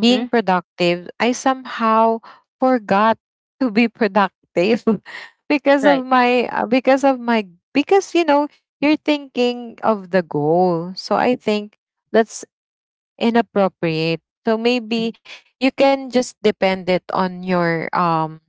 Speaker 1: being
Speaker 2: mm-hmm.
Speaker 1: productive, I somehow forgot to be productive because of
Speaker 2: Right.
Speaker 1: my uh, because of my, because you know, you're thinking of the goal. So I think that's inappropriate. So
Speaker 2: Mm-hmm,
Speaker 1: maybe you can just depend it on your um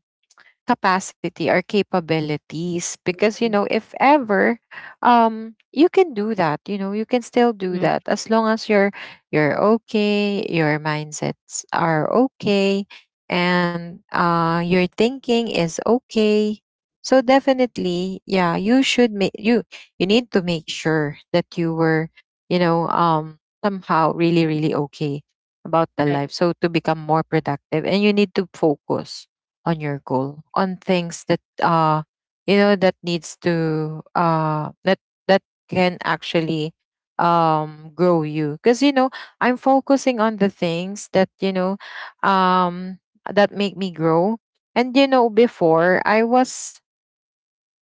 Speaker 1: capacity or capabilities, because you know, if ever um you can do that, you know, you can still do
Speaker 2: mm-hmm.
Speaker 1: that as long as you're you're okay, your mindsets are okay, and uh your thinking is okay. So definitely, yeah, you should make you you need to make sure that you were you know, um somehow really really okay about the life,
Speaker 2: Right.
Speaker 1: so to become more productive, and you need to focus on your goal, on things that uh you know that needs to uh that that can actually um grow you. Because you know, I'm focusing on the things that, you know, um that make me grow. And you know, before I was,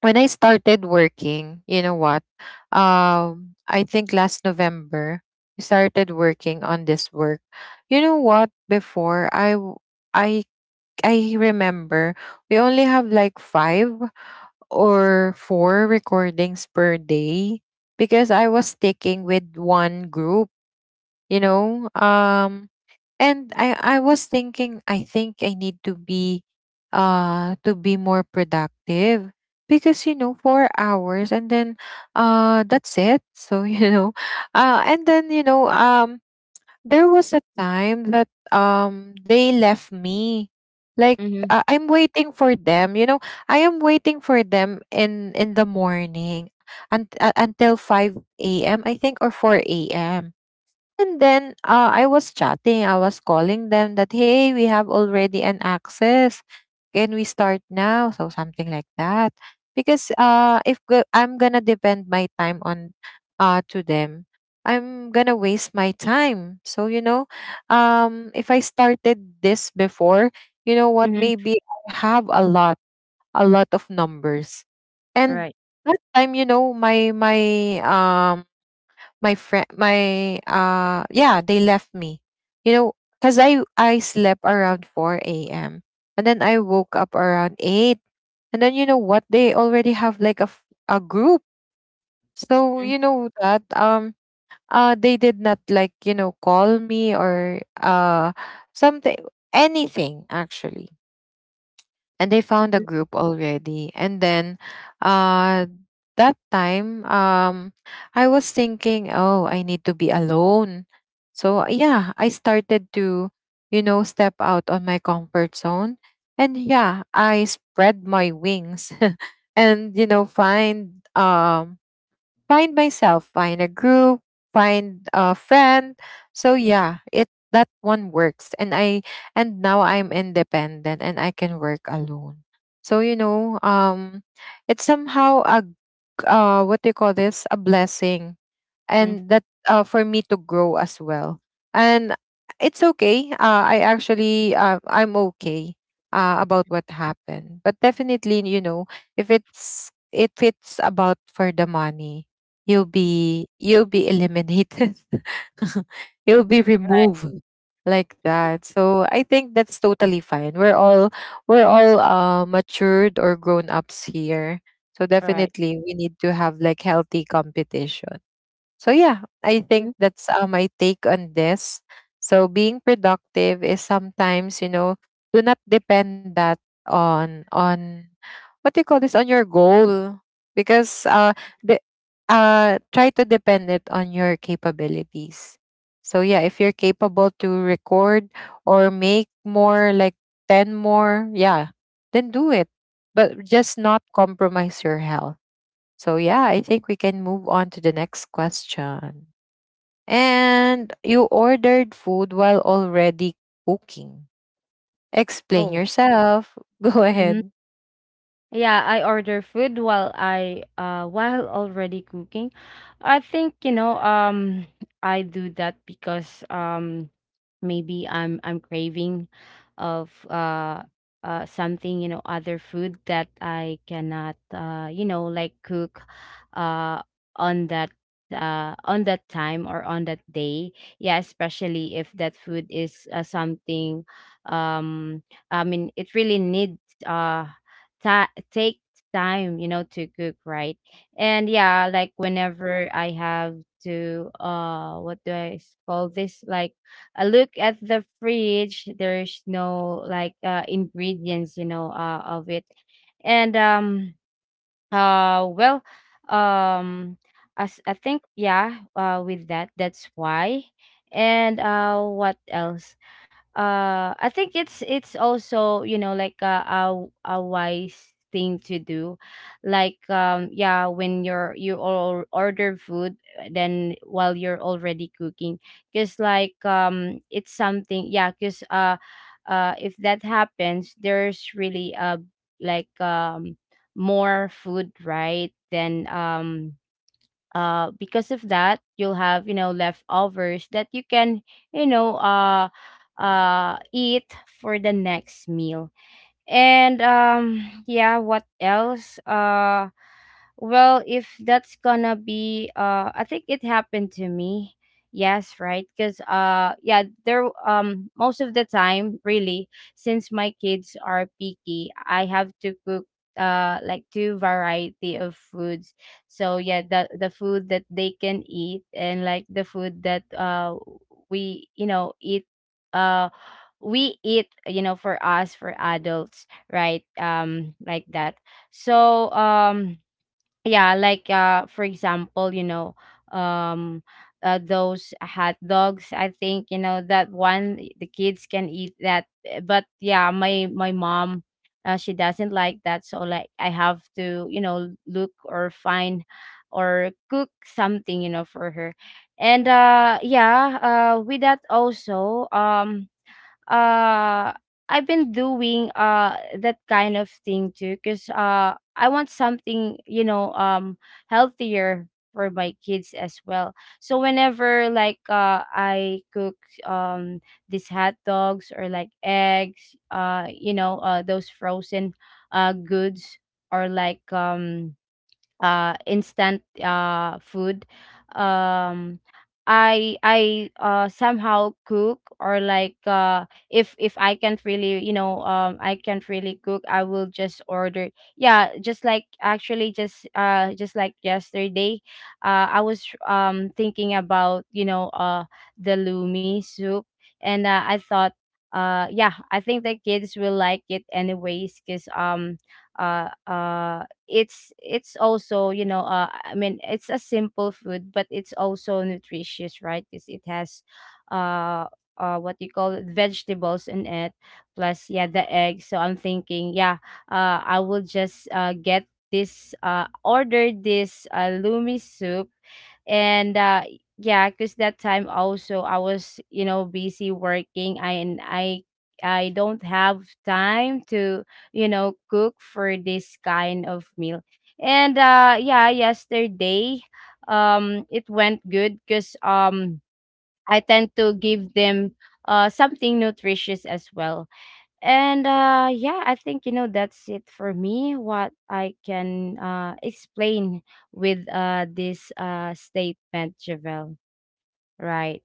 Speaker 1: when I started working, you know what, um I think last November we started working on this work. You know what, before I w- I I remember we only have like five or four recordings per day because I was sticking with one group, you know. Um and I I was thinking I think I need to be uh to be more productive because you know, four hours and then uh that's it. So, you know, uh and then you know, um there was a time that um they left me. Like
Speaker 2: Mm-hmm,
Speaker 1: uh, I'm waiting for them, you know. I am waiting for them in in the morning, and uh, until five a m. I think, or four a m. And then uh, I was chatting, I was calling them that, hey, we have already an access. Can we start now? So something like that. Because uh, if go- I'm going to depend my time on uh, to them, I'm going to waste my time. So, you know, um, if I started this before, you know what,
Speaker 2: mm-hmm.
Speaker 1: maybe I have a lot, a lot of numbers. And
Speaker 2: Right.
Speaker 1: that time, you know, my, my, um, my friend, my uh yeah, they left me, you know, because i i slept around four a.m. and then I woke up around eight, and then you know what, they already have like a, f- a group. So you know that, um uh they did not like, you know, call me, or uh something, anything actually. And they found a group already. And then uh that time, um I was thinking, oh, I need to be alone. So yeah, I started to, you know, step out on my comfort zone. And yeah, I spread my wings and you know, find um find myself, find a group, find a friend. So yeah, it that one works. And I and now I'm independent and I can work alone. So you know, um it's somehow a g- uh what do you call this? A blessing.
Speaker 2: Mm-hmm.
Speaker 1: And that uh, for me to grow as well. And it's okay. Uh, I actually uh, I'm okay uh, about what happened, but definitely you know, if it's if it's about for the money, you'll be you'll be eliminated. You'll be removed
Speaker 2: Right.
Speaker 1: like that. So I think that's totally fine. We're all we're all uh, matured or grown ups here. So
Speaker 2: Right.
Speaker 1: definitely we need to have like healthy competition. So yeah, I think
Speaker 2: Mhm.
Speaker 1: that's uh, my take on this. So being productive is sometimes, you know, do not depend that on on what do you call this, on your goal, because uh the uh try to depend it on your capabilities. So yeah, if you're capable to record or make more like ten more, yeah, then do it. But just not compromise your health. So, yeah, I think we can move on to the next question. And you ordered food while already cooking. Explain
Speaker 2: Oh.
Speaker 1: yourself. Go
Speaker 2: Mm-hmm.
Speaker 1: ahead.
Speaker 2: Yeah, I order food while I, uh while already cooking. I think, you know, um I do that because, um maybe i'm i'm craving of, uh uh something, you know other food that I cannot, uh you know like cook uh on that, uh on that time or on that day. Yeah, especially if that food is, uh, something um I mean, it really needs uh ta- take time, you know to cook, right? And yeah, like whenever I have to, uh what do i s- call this, like I look at the fridge, there's no like, uh ingredients, you know, uh of it. And um uh well um as I think, yeah, uh with that, that's why. And uh what else? uh I think it's, it's also, you know like a, a a wise thing to do, like, um yeah, when you're, you all order food, uh, then while you're already cooking, because like, um it's something, yeah, because, uh uh if that happens, there's really a, like, um more food, right? Then, um uh because of that, you'll have, you know leftovers that you can, you know uh uh eat for the next meal. And um yeah, what else? Uh well, if that's gonna be, uh, I think it happened to me. Yes, right. Because, uh, yeah, there, um, most of the time, really, since my kids are picky, I have to cook, uh, like two variety of foods. So yeah, the the food that they can eat, and like the food that, uh, we, you know, eat, uh, we eat, you know, for us, for adults, right? Um, like that. So, um yeah, like uh for example, you know, um uh, those hot dogs, I think, you know, that one, eh, the kids can eat that. Uh, But yeah, my my mom, uh, she doesn't like that, so like I have to, you know, look, or find, or cook something, you know, for her. And uh yeah, uh with that also, um uh I've been doing, uh that kind of thing too, because uh I want something, you know um healthier for my kids as well. So whenever, like uh I cook, um these hot dogs, or like eggs, uh you know uh those frozen uh goods, or like, um uh instant, uh food, um I I uh somehow cook, or like, uh if if I can't really, you know um I can't really cook, I will just order. Yeah, just like, actually, just uh just like yesterday, uh I was, um thinking about, you know uh the lumi soup. And uh, I thought, uh yeah, I think the kids will like it anyways, because, um uh uh it's, it's also, you know uh, I mean, it's a simple food, but it's also nutritious, right? Because it has uh uh what you call it, vegetables in it, plus yeah, the egg. So I'm thinking, yeah, uh I will just, uh get this, uh order this, uh lumi soup. And uh yeah, because that time also, I was, you know busy working. I, and I I don't have time to, you know cook for this kind of meal. And uh yeah, yesterday, um it went good, because, um I tend to give them uh something nutritious as well. And uh yeah, I think, you know that's it for me, what I can, uh explain with, uh this, uh statement, Javel, right?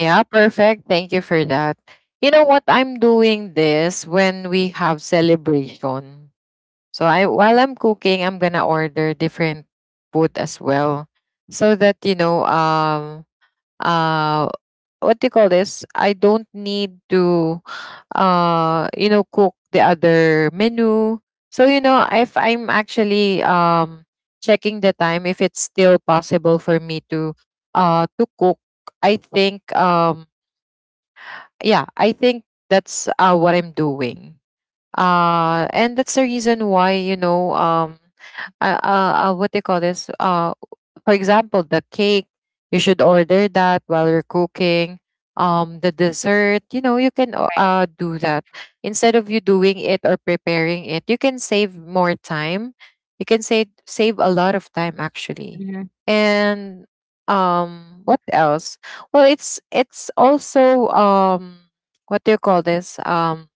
Speaker 1: Yeah, perfect. Thank you for that. You know what? I'm doing this when we have celebration. So I while I'm cooking, I'm gonna order different food as well. So that, you know, um uh what do you call this? I don't need to uh you know cook the other menu. So you know, if I'm actually um checking the time if it's still possible for me to uh to cook, I think um yeah, I think that's uh what I'm doing. Uh and that's the reason why, you know, um uh, uh, uh what they call this, uh for example the cake, you should order that while you're cooking. Um the dessert, you know, you can o-
Speaker 2: Right.
Speaker 1: uh do that instead of you doing it or preparing it. You can save more time. You can save save a lot of time actually.
Speaker 2: Mm-hmm.
Speaker 1: And um what else? Well, it's it's also um what do you call this? Um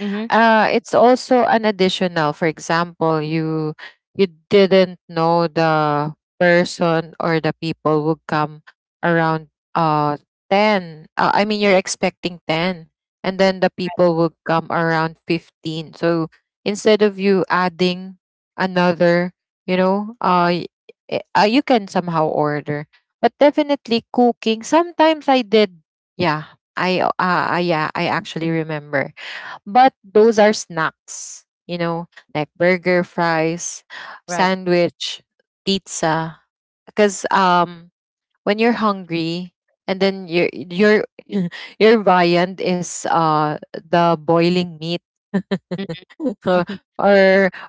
Speaker 2: Mm-hmm.
Speaker 1: uh, It's also an additional. For example, you you didn't know the person or the people would come around uh ten. Uh, I mean, you're expecting ten, and then the people would come around fifteen. So instead of you adding another, you know, uh, y- eh, uh you can somehow order. But definitely cooking, sometimes I did, yeah. I uh, uh Yeah, I actually remember, but those are snacks, you know, like burger, fries,
Speaker 2: Right.
Speaker 1: sandwich, pizza. Because um, when you're hungry and then your your your viand is uh the boiling meat
Speaker 2: Mhm.
Speaker 1: or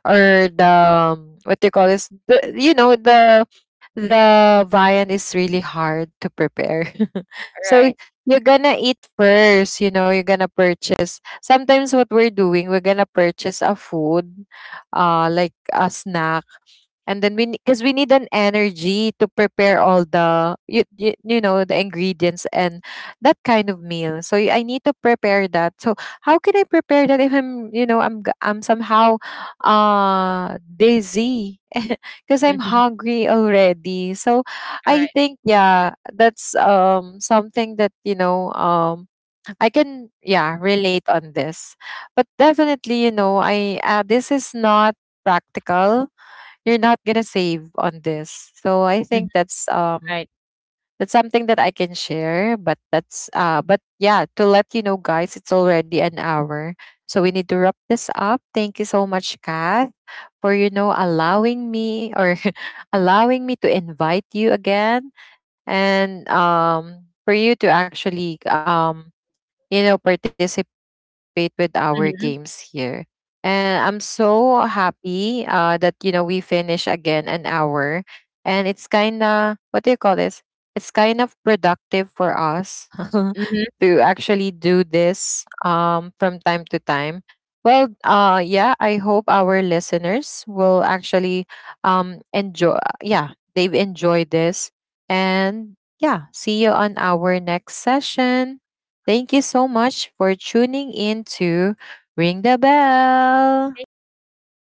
Speaker 1: or the um, what do you call this? The, you know, the the viand is really hard to prepare. So
Speaker 2: Right.
Speaker 1: you're gonna eat first, you know, you're gonna purchase. Sometimes what we're doing, we're gonna purchase a food, uh like a snack, and then we, because we need an energy to prepare all the you, you, you know, the ingredients and that kind of meal. So y- I need to prepare that. So how can I prepare that if I'm, you know, i'm g- I'm somehow uh dizzy because I'm
Speaker 2: Mhm.
Speaker 1: hungry already. So
Speaker 2: Right.
Speaker 1: I think yeah, that's um something that, you know, um I can, yeah, relate on this. But definitely, you know, I uh, this is not practical. You're not gonna save on this. So I
Speaker 2: Mhm.
Speaker 1: think that's
Speaker 2: Right. Mhm.
Speaker 1: um
Speaker 2: Right.
Speaker 1: that's something that I can share. But that's uh but yeah, to let you know, guys, it's already an hour. So we need to wrap this up. Thank you so much, Kath, for you know, allowing me, or allowing me to invite you again, and um for you to actually um you know, participate with our games here.
Speaker 2: Mhm.
Speaker 1: And I'm so happy uh, that, you know, we finish again an hour. And it's kind of, what do you call this? It's kind of productive for us
Speaker 2: Mhm.
Speaker 1: to actually do this, um, from time to time. Well, uh, yeah, I hope our listeners will actually um, enjoy, yeah, they've enjoyed this. And yeah, see you on our next session. Thank you so much for tuning in to Ring the Bell.
Speaker 2: Thank you so much.